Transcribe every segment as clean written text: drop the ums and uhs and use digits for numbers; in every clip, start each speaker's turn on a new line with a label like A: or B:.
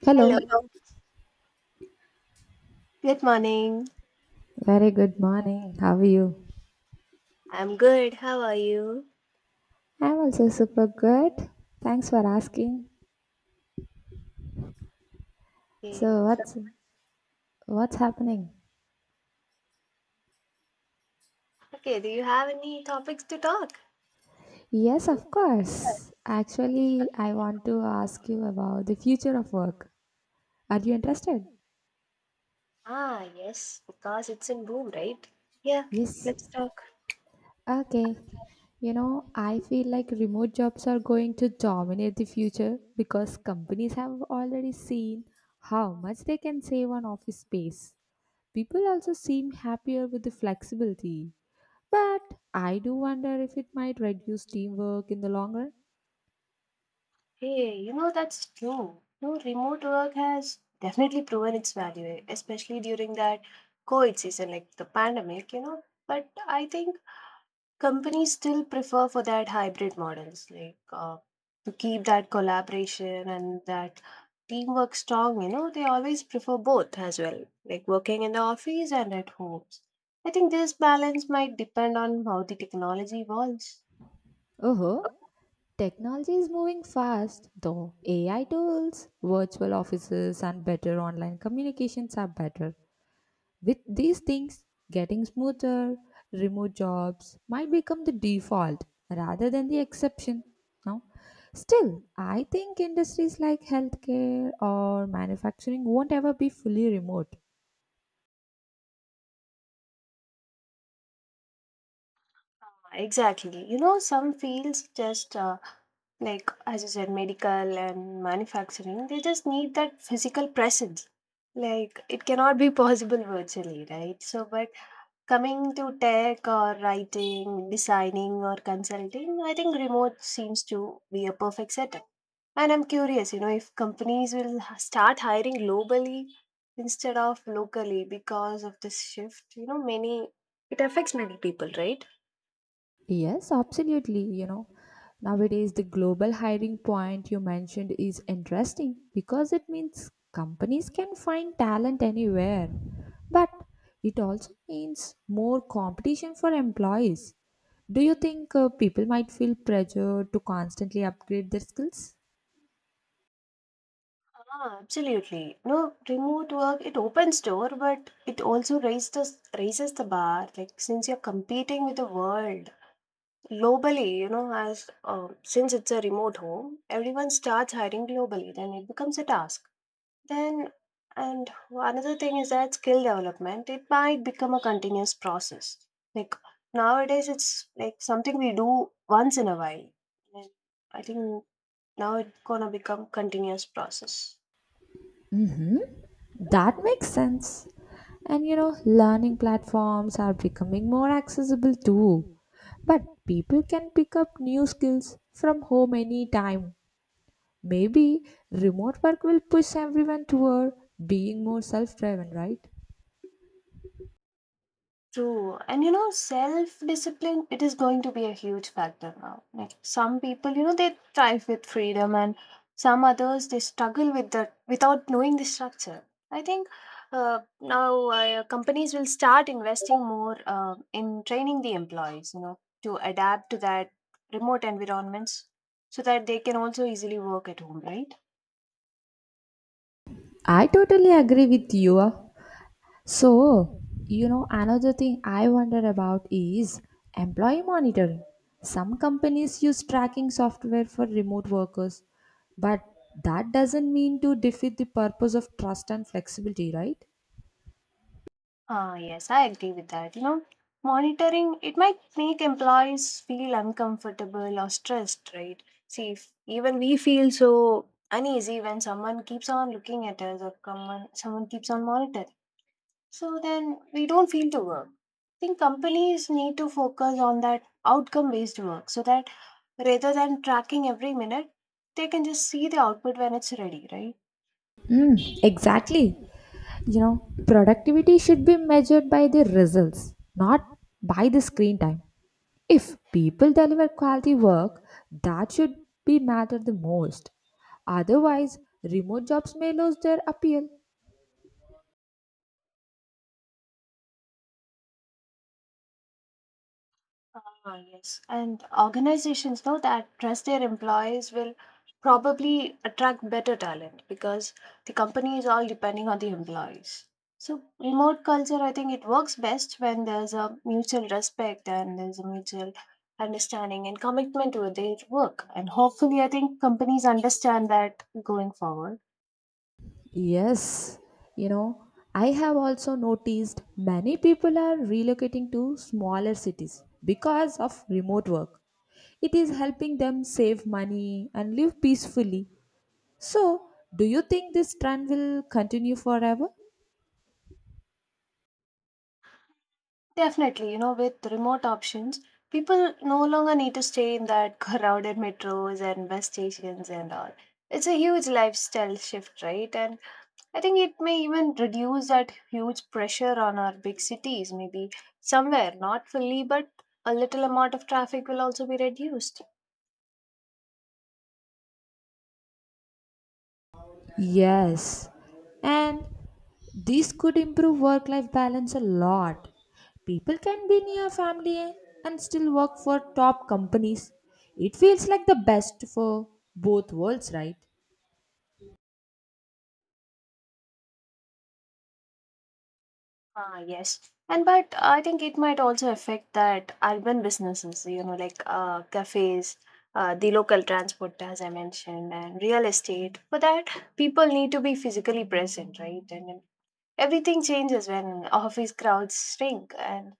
A: Hello,
B: Hello. Good morning.
A: very good morning. How are you?
B: I'm good. How are you?
A: I'm also super good. Thanks for asking.
B: Okay.
A: So
B: So,
A: what's happening?
B: okay, do you have any topics to talk?
A: Yes, of course. Actually, I want to ask you about the future of work. Are you interested?
B: Ah, yes, because it's in boom, right? Yeah,
A: Yes.
B: let's talk.
A: Okay. You know, I feel like remote jobs are going to dominate the future because companies have already seen how much they can save on office space. People also seem happier with the flexibility. But I do wonder if it might reduce teamwork in the long run.
B: Hey, you know that's true. No, remote work has definitely proven its value, especially during that COVID season, like the pandemic. But I think companies still prefer for that hybrid models like to keep that collaboration and that teamwork strong. They always prefer both as well, like working in the office and at homes. I think this balance might depend on how the technology evolves.
A: Oh, technology is moving fast, though AI tools, virtual offices, and better online communications are better. With these things getting smoother, remote jobs might become the default rather than the exception. No? Still, I think industries like healthcare or manufacturing won't ever be fully remote.
B: Exactly. You know, some fields just like, as you said, medical and manufacturing, they just need that physical presence. Like, it cannot be possible virtually, right? So, but coming to tech or writing, designing or consulting, I think remote seems to be a perfect setup. And I'm curious, if companies will start hiring globally instead of locally because of this shift, you know, many It affects many people, right?
A: Yes, absolutely. You know, nowadays the global hiring point you mentioned is interesting because it means companies can find talent anywhere. But it also means more competition for employees. Do you think people might feel pressure to constantly upgrade their skills?
B: Ah, absolutely. No, remote work, it opens door, but it also raises the bar, like since you're competing with the world. Globally, you know, as since it's a remote home, everyone starts hiring globally. Then it becomes a task. Then, and another thing is that skill development, it might become a continuous process. Like nowadays, it's like something we do once in a while. And I think now it's gonna become continuous process.
A: That makes sense. And you know, learning platforms are becoming more accessible too. But people can pick up new skills from home anytime. Maybe remote work will push everyone toward being more self driven, right?
B: True. And, self discipline, it is going to be a huge factor now. Like some people, they thrive with freedom and some others they struggle with that without knowing the structure. I think now companies will start investing more in training the employees, to adapt to that remote environments so that they can also easily work at home, right?
A: I totally agree with you. So, you know, another thing I wonder about is employee monitoring. Some companies use tracking software for remote workers, but that doesn't mean to defeat the purpose of trust and flexibility, right?
B: Ah, yes, I agree with that. Monitoring it might make employees feel uncomfortable or stressed, right? See, if even we feel so uneasy when someone keeps on looking at us or someone keeps on monitoring. So then we don't feel to work. I think companies need to focus on that outcome-based work so that rather than tracking every minute, they can just see the output when it's ready, right?
A: Mm, exactly. You know, productivity should be measured by the results, not by the screen time. If people deliver quality work, that should be matter the most. Otherwise, remote jobs may lose their appeal.
B: Ah, yes. And organizations know that trust their employees will probably attract better talent because the company is all depending on the employees. So remote culture, I think it works best when there's a mutual respect and there's a mutual understanding and commitment to their work. And hopefully, I think companies understand that going forward.
A: Yes, you know, I have also noticed many people are relocating to smaller cities because of remote work. It is helping them save money and live peacefully. So, do you think this trend will continue forever?
B: Definitely, with remote options, people no longer need to stay in that crowded metros and bus stations and all. It's a huge lifestyle shift, right? And I think it may even reduce that huge pressure on our big cities, maybe somewhere, not fully, but a little amount of traffic will also be reduced.
A: Yes, and this could improve work life balance a lot. People can be near family and still work for top companies. It feels like the best for both worlds, right?
B: Ah, yes. And but I think it might also affect that urban businesses, like cafes, the local transport, as I mentioned, and real estate. For that, people need to be physically present, right? And then everything changes when office crowds shrink. And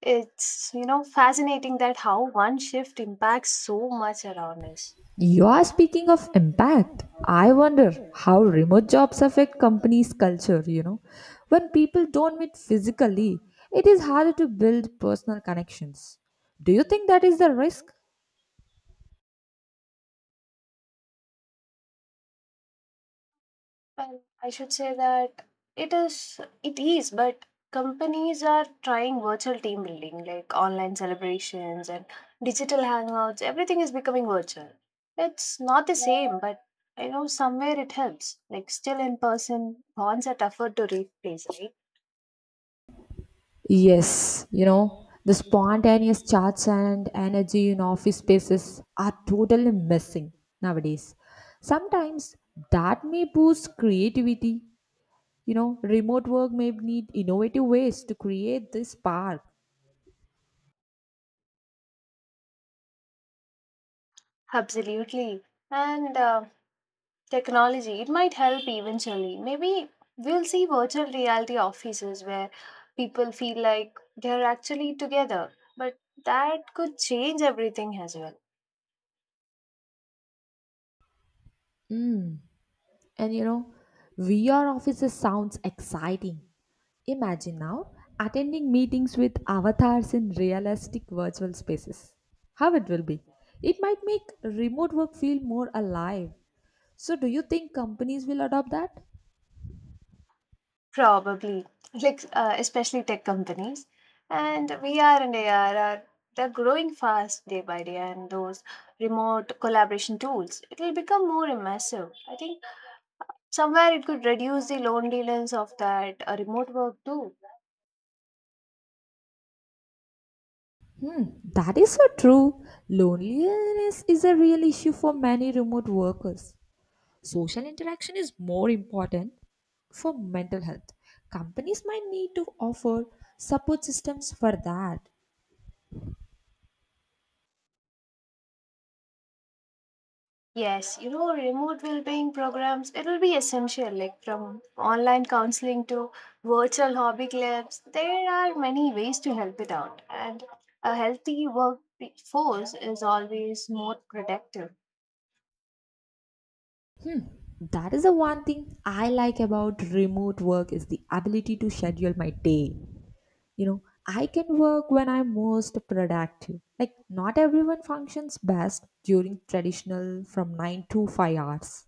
B: it's fascinating that how one shift impacts so much around us.
A: You are speaking of impact. I wonder how remote jobs affect companies' culture, you know. When people don't meet physically, it is harder to build personal connections. Do you think that is the risk?
B: Well, I should say that it is, but companies are trying virtual team building, like online celebrations and digital hangouts. Everything is becoming virtual. It's not the same, but I know somewhere it helps. Like still in person, bonds are tougher to replace, right?
A: Yes, you know, the spontaneous chats and energy in office spaces are totally missing nowadays. Sometimes that may boost creativity. You know, remote work may need innovative ways to create this spark.
B: Absolutely. And technology, it might help eventually. Maybe we'll see virtual reality offices where people feel like they're actually together. But that could change everything as well.
A: Mm. And you know, VR offices sounds exciting. Imagine now attending meetings with avatars in realistic virtual spaces. How it will be. It might make remote work feel more alive. So, do you think companies will adopt that?
B: Probably, like especially tech companies. And VR and AR are they're growing fast day by day, and those remote collaboration tools it will become more immersive. I think somewhere it could reduce the loneliness of that remote work too.
A: Hmm, that is so true. Loneliness is a real issue for many remote workers. Social interaction is more important for mental health. Companies might need to offer support systems for that.
B: Yes, remote well-being programs, it will be essential, like from online counseling to virtual hobby clubs. There are many ways to help it out, and a healthy workforce is always more productive.
A: Hmm, that is the one thing I like about remote work is the ability to schedule my day. You know, I can work when I'm most productive, like not everyone functions best during traditional from 9 to 5 hours.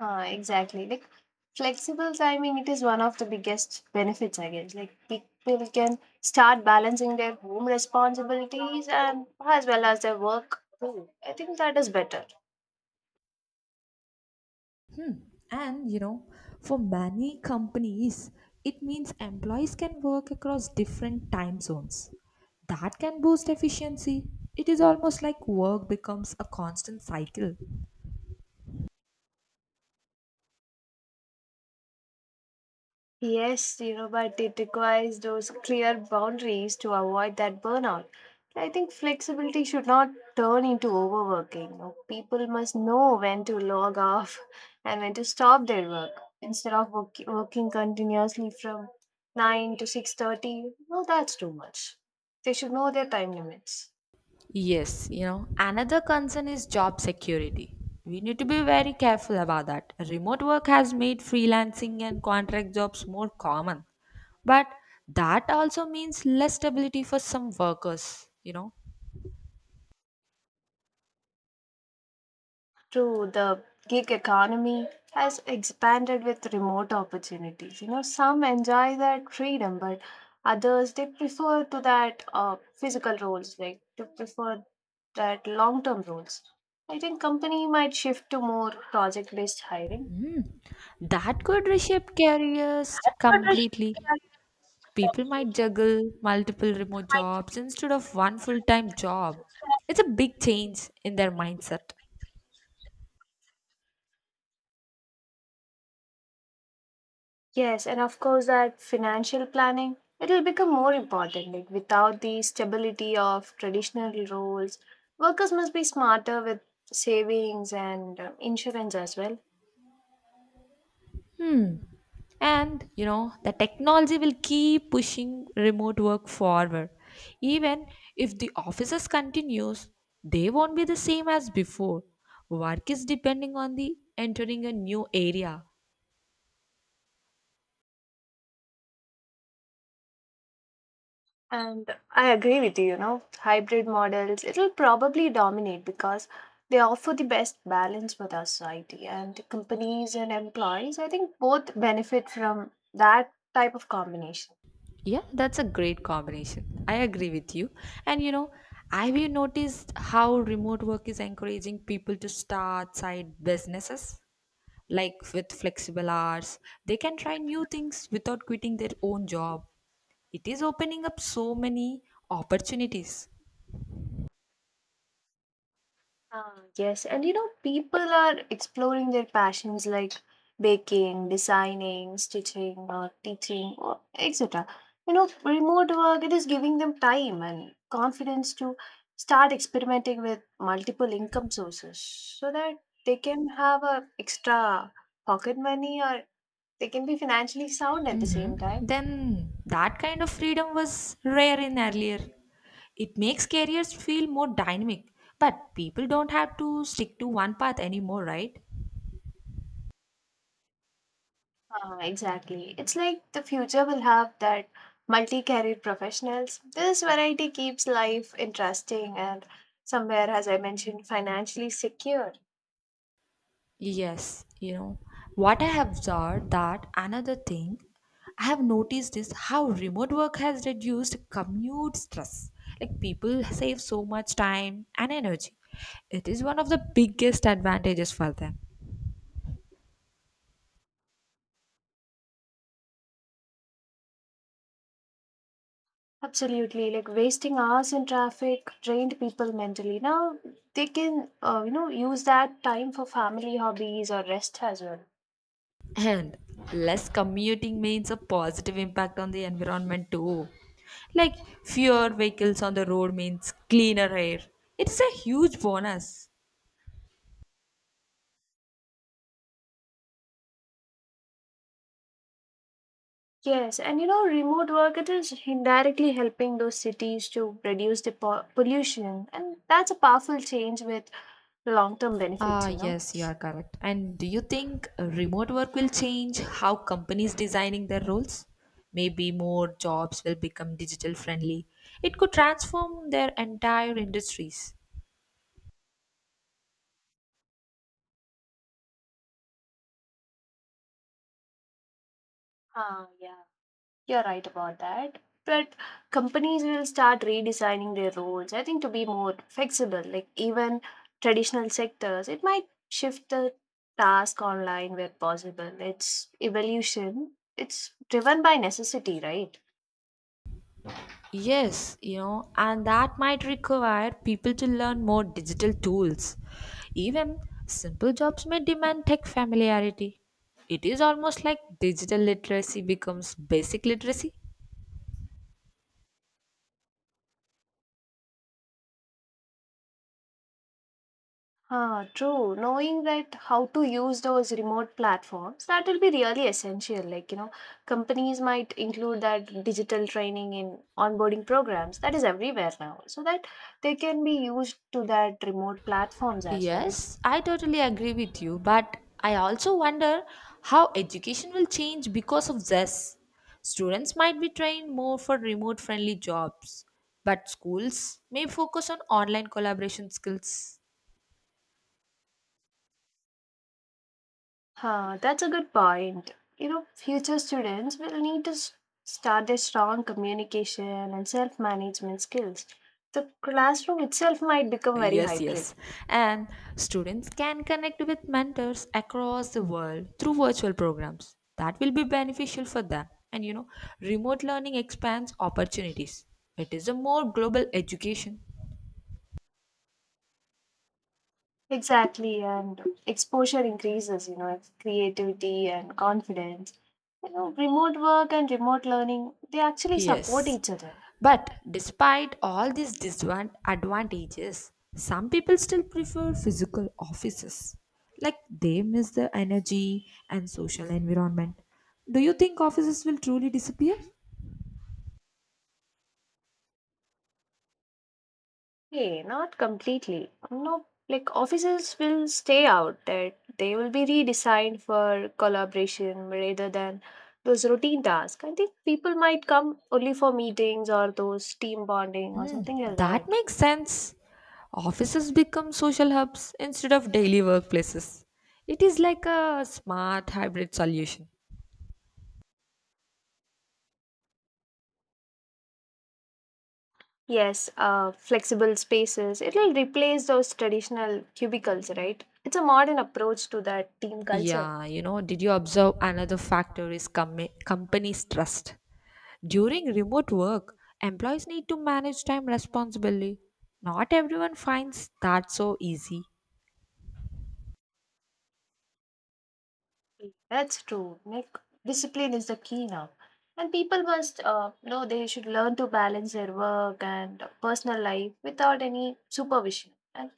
B: Exactly. Like flexible timing, it is one of the biggest benefits, I guess. Like people can start balancing their home responsibilities and as well as their work too. I think that is better.
A: Hmm. And you know, for many companies, it means employees can work across different time zones. That can boost efficiency. It is almost like work becomes a constant cycle.
B: Yes, but it requires those clear boundaries to avoid that burnout. I think flexibility should not turn into overworking. People must know when to log off and when to stop their work instead of working continuously from 9 to 6:30. No, that's too much. They should know their time limits.
A: Yes, you know, another concern is job security. We need to be very careful about that. Remote work has made freelancing and contract jobs more common, but that also means less stability for some workers, you know.
B: True, the gig economy has expanded with remote opportunities. Some enjoy that freedom, but others they prefer to that physical roles, like to prefer that long-term roles. I think company might shift to more project-based hiring.
A: Mm. That could reshape careers
B: But I should
A: completely.
B: carry that.
A: People might juggle multiple remote jobs instead of one full time job. It's a big change in their mindset.
B: Yes, and of course that financial planning, it will become more important. Like without the stability of traditional roles, workers must be smarter with savings and insurance as well.
A: Hmm. And you know, the technology will keep pushing remote work forward. Even if the offices continues, they won't be the same as before. Work is depending on the entering a new area.
B: And I agree with you, hybrid models, it will probably dominate because they offer the best balance with our society and companies and employees, I think both benefit from that type of combination.
A: Yeah, that's a great combination. I agree with you. And you know, have you noticed how remote work is encouraging people to start side businesses? Like with flexible hours, they can try new things without quitting their own job. It is opening up so many opportunities.
B: Ah, yes, and people are exploring their passions like baking, designing, stitching, or teaching, or etc. Remote work it is giving them time and confidence to start experimenting with multiple income sources, so that they can have a extra pocket money or they can be financially sound at the same
A: Mhm.
B: time.
A: Then that kind of freedom was rare in earlier. It makes careers feel more dynamic, but people don't have to stick to one path anymore, right?
B: Exactly. It's like the future will have that multi-career professionals. This variety keeps life interesting and somewhere, as I mentioned, financially secure.
A: Yes, you know what, I have observed that another thing I have noticed is how remote work has reduced commute stress. Like people save so much time and energy. It is one of the biggest advantages for them.
B: Absolutely. Like wasting hours in traffic drained people mentally. Now they can, use that time for family hobbies or rest as well.
A: And less commuting means a positive impact on the environment too. Like fewer vehicles on the road means cleaner air. It's a huge bonus.
B: Yes, and remote work it is indirectly helping those cities to reduce the pollution, and that's a powerful change with long-term benefits.
A: Ah, yes, you are correct. And do you think remote work will change how companies designing their roles? Maybe more jobs will become digital friendly. It could transform their entire industries.
B: Ah, yeah, you're right about that. But companies will start redesigning their roles, I think, to be more flexible. Like, even traditional sectors, it might shift the task online where possible. It's evolution, it's driven by necessity, right?
A: Yes, you know, and that might require people to learn more digital tools. Even simple jobs may demand tech familiarity. It is almost like digital literacy becomes basic literacy.
B: Ah, true. Knowing that how to use those remote platforms, that will be really essential. Like, companies might include that digital training in onboarding programs. That is everywhere now, so that they can be used to that remote platforms as well.
A: Yes, I totally agree with you, but I also wonder how education will change because of this. Students might be trained more for remote friendly jobs, but schools may focus on online collaboration skills.
B: Huh, that's a good point. Future students will need to start their strong communication and self-management skills. The classroom itself might become very
A: Yes,
B: hybrid.
A: yes. And students can connect with mentors across the world through virtual programs. That will be beneficial for them. And you know, remote learning expands opportunities. It is a more global education.
B: Exactly, and exposure increases, creativity and confidence. Remote work and remote learning, they actually support
A: Yes.
B: each other.
A: But despite all these disadvantages, some people still prefer physical offices. Like they miss the energy and social environment. Do you think offices will truly disappear?
B: Hey, not completely. No, like offices will stay out that they will be redesigned for collaboration rather than those routine tasks. I think people might come only for meetings or those team bonding or something like
A: That
B: that.
A: makes sense. Offices become social hubs instead of daily workplaces. It is like a smart hybrid solution.
B: Yes, flexible spaces. It will replace those traditional cubicles, right? It's a modern approach to that team culture.
A: Yeah, you know, did you observe another factor is companies' trust? During remote work, employees need to manage time responsibly. Not everyone finds that so easy.
B: That's true. Like discipline is the key now, and people must know they should learn to balance their work and personal life without any supervision, and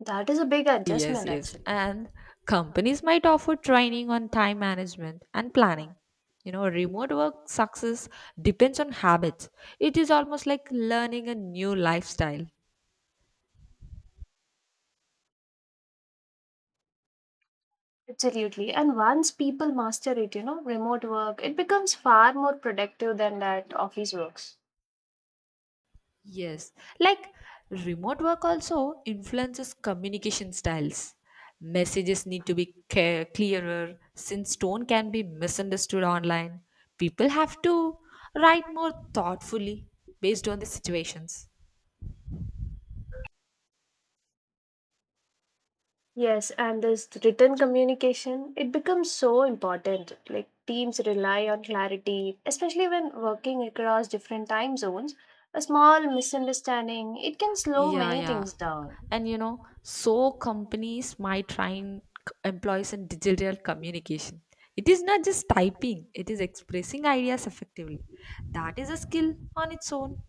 B: that is a big
A: Yes,
B: adjustment
A: yes.
B: actually.
A: And companies might offer training on time management and planning. You know, remote work success depends on habits. It is almost like learning a new lifestyle.
B: Absolutely. And once people master it, remote work, it becomes far more productive than that office works.
A: Yes. Like remote work also influences communication styles. Messages need to be clearer since tone can be misunderstood online. People have to write more thoughtfully based on the situations.
B: Yes, and this written communication, it becomes so important. Like teams rely on clarity, especially when working across different time zones. A small misunderstanding, it can slow
A: Yeah,
B: many
A: yeah.
B: things down.
A: And you know, so companies might train employees in digital communication. It is not just typing, it is expressing ideas effectively. That is a skill on its own.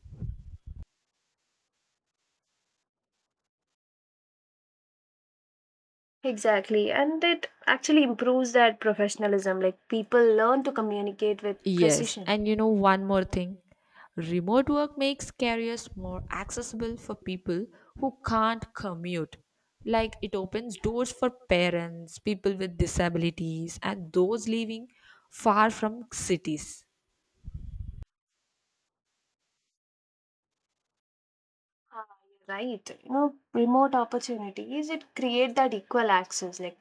B: Exactly, and it actually improves that professionalism. Like people learn to communicate with
A: Yes,
B: precision.
A: and you know, one more thing, remote work makes careers more accessible for people who can't commute. Like it opens doors for parents, people with disabilities, and those living far from cities.
B: Ah, you're Right, remote opportunities it create that equal access. Like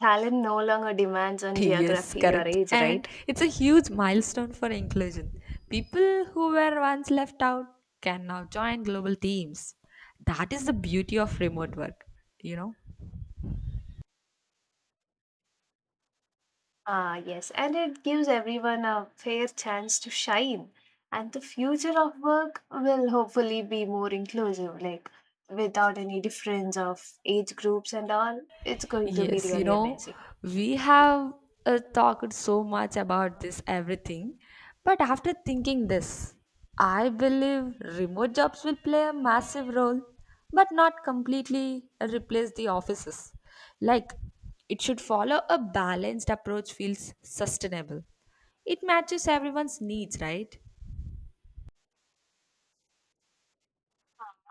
B: talent no longer demands on
A: Yes,
B: geography or
A: correct.
B: age,
A: And
B: right?
A: it's a huge milestone for inclusion. People who were once left out can now join global teams. That is the beauty of remote work, you know.
B: Ah, yes, and it gives everyone a fair chance to shine. And the future of work will hopefully be more inclusive, like without any difference of age groups and all. It's going to be
A: Yes, you
B: really
A: know,
B: amazing.
A: we have talked so much about this everything, but after thinking this, I believe remote jobs will play a massive role, but not completely replace the offices. Like, it should follow a balanced approach feels sustainable. It matches everyone's needs, right?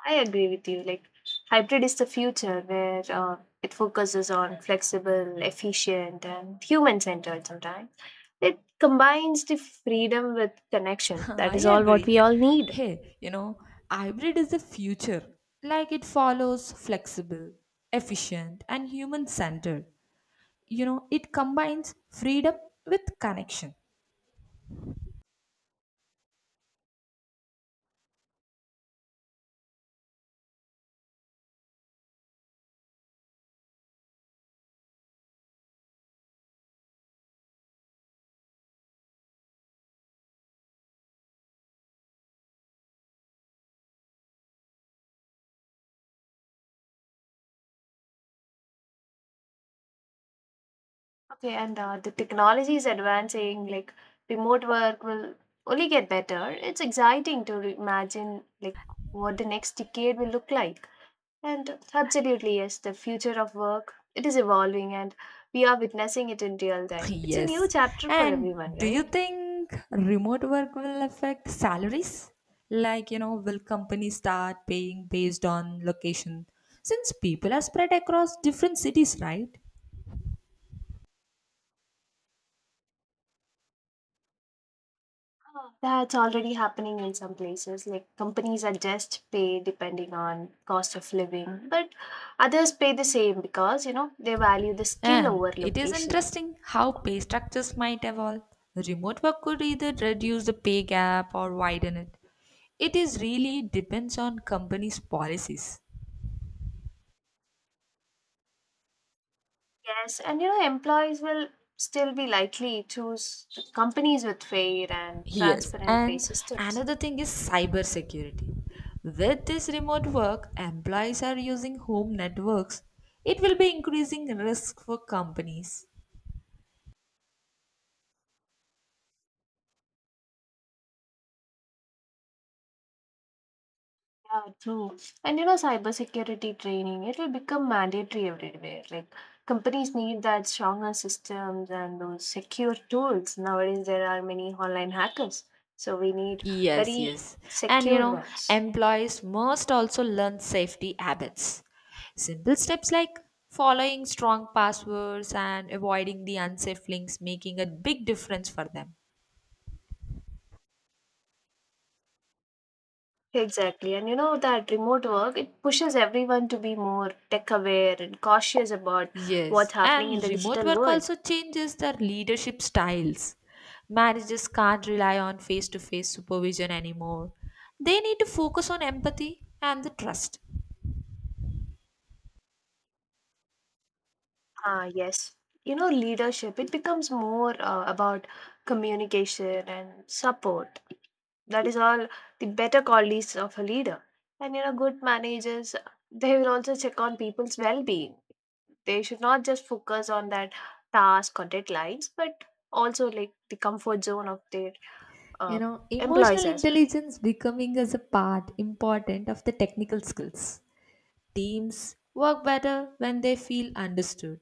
B: I agree with you. Like, hybrid is the future where it focuses on flexible, efficient, and human centered sometimes. It combines the freedom with connection. That
A: I
B: is all what we
A: agree.
B: all need.
A: Hey, you know, hybrid is the future. Like it follows flexible, efficient, and human centered. You know, it combines freedom with connection.
B: Okay, and the technology is advancing, like remote work will only get better. It's exciting to imagine like what the next decade will look like. And absolutely, yes, the future of work, it is evolving and we are witnessing it in real time. It's a new
A: Yes.
B: chapter for
A: And
B: everyone,
A: do you
B: right?
A: think remote work will affect salaries? Like, you know, will companies start paying based on location? Since people are spread across different cities, right?
B: Ah. That's already happening in some places. Like companies adjust pay depending on cost of living, but others pay the same because, they value the skill
A: And
B: over
A: it is
B: location.
A: interesting how pay structures might evolve. Remote work could either reduce the pay gap or widen it. It is really depends on companies' policies.
B: Yes, and employees will still be likely choose companies with fair and
A: Yes,
B: transparent pay
A: and
B: systems.
A: another thing is cybersecurity. With this remote work, employees are using home networks. It will be increasing risk for companies.
B: Yeah, true. And cybersecurity training, it will become mandatory everywhere. Like companies need that stronger systems and those secure tools. Nowadays, there are many online hackers, so we need
A: Yes,
B: very
A: yes. And you
B: secured
A: know,
B: ones.
A: employees must also learn safety habits. Simple steps like following strong passwords and avoiding the unsafe links making a big difference for them.
B: Exactly. And that remote work, it pushes everyone to be more tech aware and cautious about
A: Yes,
B: what's happening
A: and
B: in the
A: remote
B: digital
A: work
B: world.
A: also changes their leadership styles. Managers can't rely on face to face supervision anymore. They need to focus on empathy and the trust.
B: Ah, yes. Leadership, it becomes more about communication and support. That is all the better qualities of a leader. And, good managers, they will also check on people's well being. They should not just focus on that task or deadlines, but also like the comfort zone of their
A: You
B: uh,
A: know,
B: employees
A: emotional
B: as well.
A: intelligence becoming as a part important of the technical skills. Teams work better when they feel understood.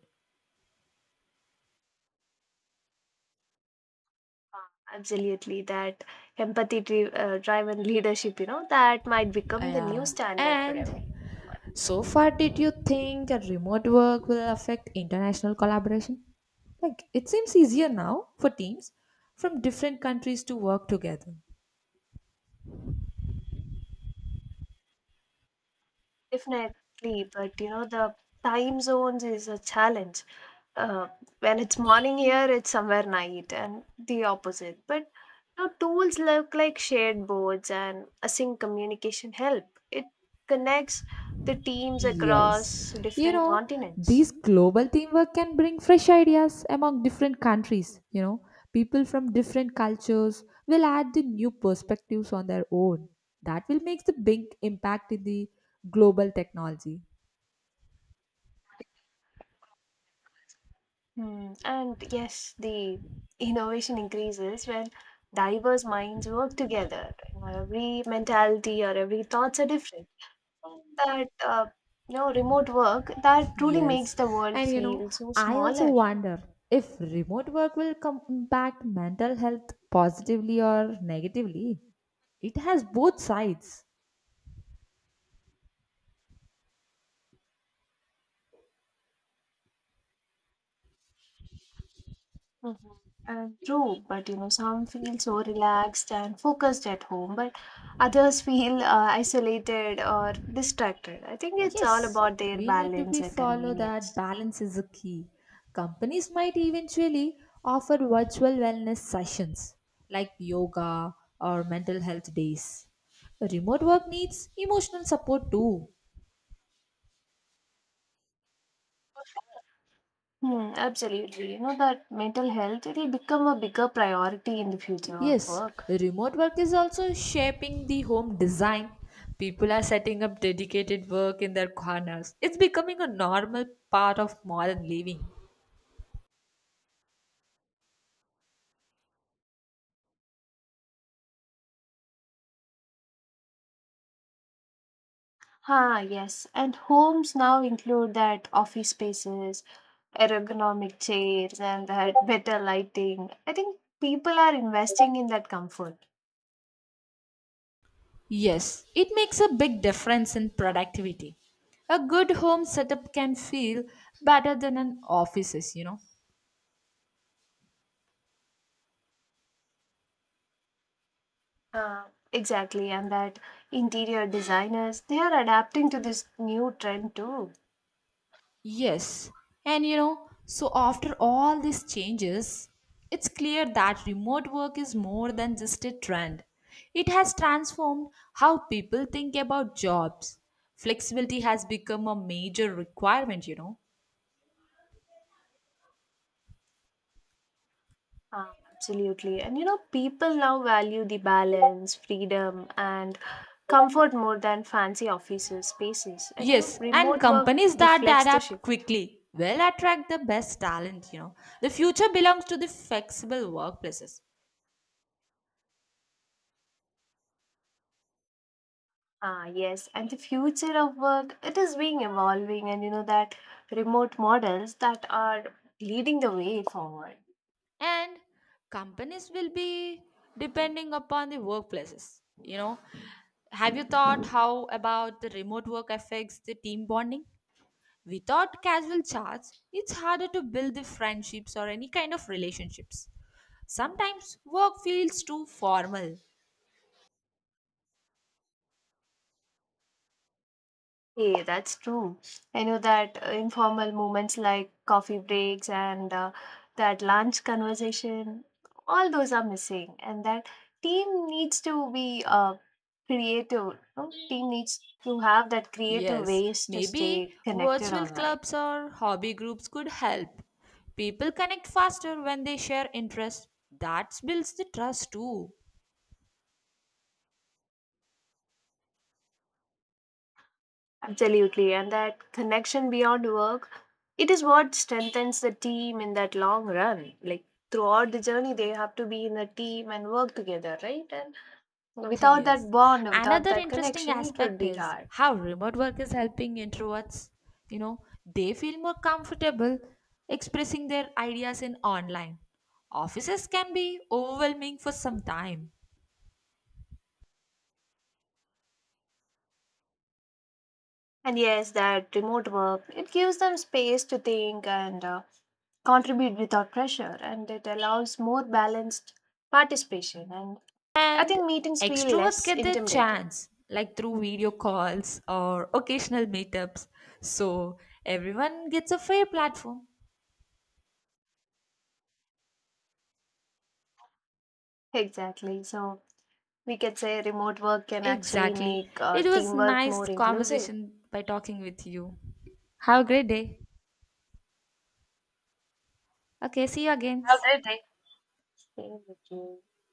B: Absolutely, that empathy driven leadership, that might
A: Ah,
B: become the new
A: yeah.
B: standard for
A: And
B: everyone.
A: so far, did you think that remote work will affect international collaboration? Like, it seems easier now for teams from different countries to work together.
B: Definitely, but the time zones is a challenge. Uh, when it's morning here, it's somewhere night, and the opposite. But tools look like shared boards and async communication help. It connects the teams
A: Yes.
B: across
A: You
B: different
A: know,
B: continents.
A: these global teamwork can bring fresh ideas among different countries. You know, people from different cultures will add the new perspectives on their own. That will make the big impact in the global technology.
B: Hmm. And yes, the innovation increases when diverse minds work together. Every mentality or every thoughts are different. That remote work that truly
A: Yes.
B: makes the world
A: And you know,
B: feel so
A: I also
B: smaller.
A: wonder if remote work will come impact mental health positively or negatively. It has both sides.
B: Mhm. And true, but some feel so relaxed and focused at home, but others feel isolated or distracted. I think it's all
A: Yes,
B: about their
A: we need to
B: balance
A: be
B: and
A: follow that
B: convenience.
A: balance is a key. Companies might eventually offer virtual wellness sessions like yoga or mental health days. Remote work needs emotional support too.
B: Hmm, absolutely, you know that mental health it will become a bigger priority in the future of
A: Yes,
B: work.
A: remote work is also shaping the home design. People are setting up dedicated work in their corners. It's becoming a normal part of modern living.
B: Ah, yes. And homes now include that office spaces, ergonomic chairs and that better lighting. I think people are investing in that comfort.
A: Yes, it makes a big difference in productivity. A good home setup can feel better than an office's, you know.
B: Uh, exactly, and that interior designers they are adapting to this new trend too.
A: Yes, and you know, so after all these changes, it's clear that remote work is more than just a trend. It has transformed how people think about jobs. Flexibility has become a major requirement, you know.
B: Absolutely, and people now value the balance, freedom, and comfort more than fancy offices spaces. And
A: Yes, and
B: remote work
A: companies that
B: reflects the
A: adapt
B: shift.
A: quickly will attract the best talent, you know. The future belongs to the flexible workplaces,
B: Ah, yes, and the future of work, it is being evolving, and you know that remote models that are leading the way forward.
A: and companies will be depending upon the workplaces, you know. Have you thought how about the remote work affects the team bonding? Without casual chats, it's harder to build the friendships or any kind of relationships. Sometimes work feels too formal.
B: Hey, that's true. I know that informal moments like coffee breaks and that lunch conversation, all those are missing, and that team needs to be creative. No? Team needs to have that creative
A: Yes,
B: ways to
A: maybe
B: stay connected
A: virtual
B: online.
A: clubs or hobby groups could help. People connect faster when they share interests. That builds the trust too.
B: Absolutely, and that connection beyond work, it is what strengthens the team in that long run, like throughout the journey they have to be in a team and work together, right? And without that
A: Yes.
B: bond, without
A: Another
B: that
A: interesting
B: connection, it would
A: aspect
B: be
A: is
B: hard.
A: how remote work is helping introverts. You know, they feel more comfortable expressing their ideas in online. Offices can be overwhelming for some time.
B: And yes, that remote work, it gives them space to think and contribute without pressure, and it allows more balanced participation, and I
A: And
B: think meetings feel
A: extroverts
B: less
A: get their
B: intimidating.
A: chance, like through video calls or occasional meetups. So everyone gets a fair platform.
B: Exactly, so we could say remote work can actually
A: Exactly.
B: make
A: It was
B: teamwork
A: nice
B: more inclusive.
A: conversation by talking with you. Have a great day. Okay, see you again.
B: Absolutely.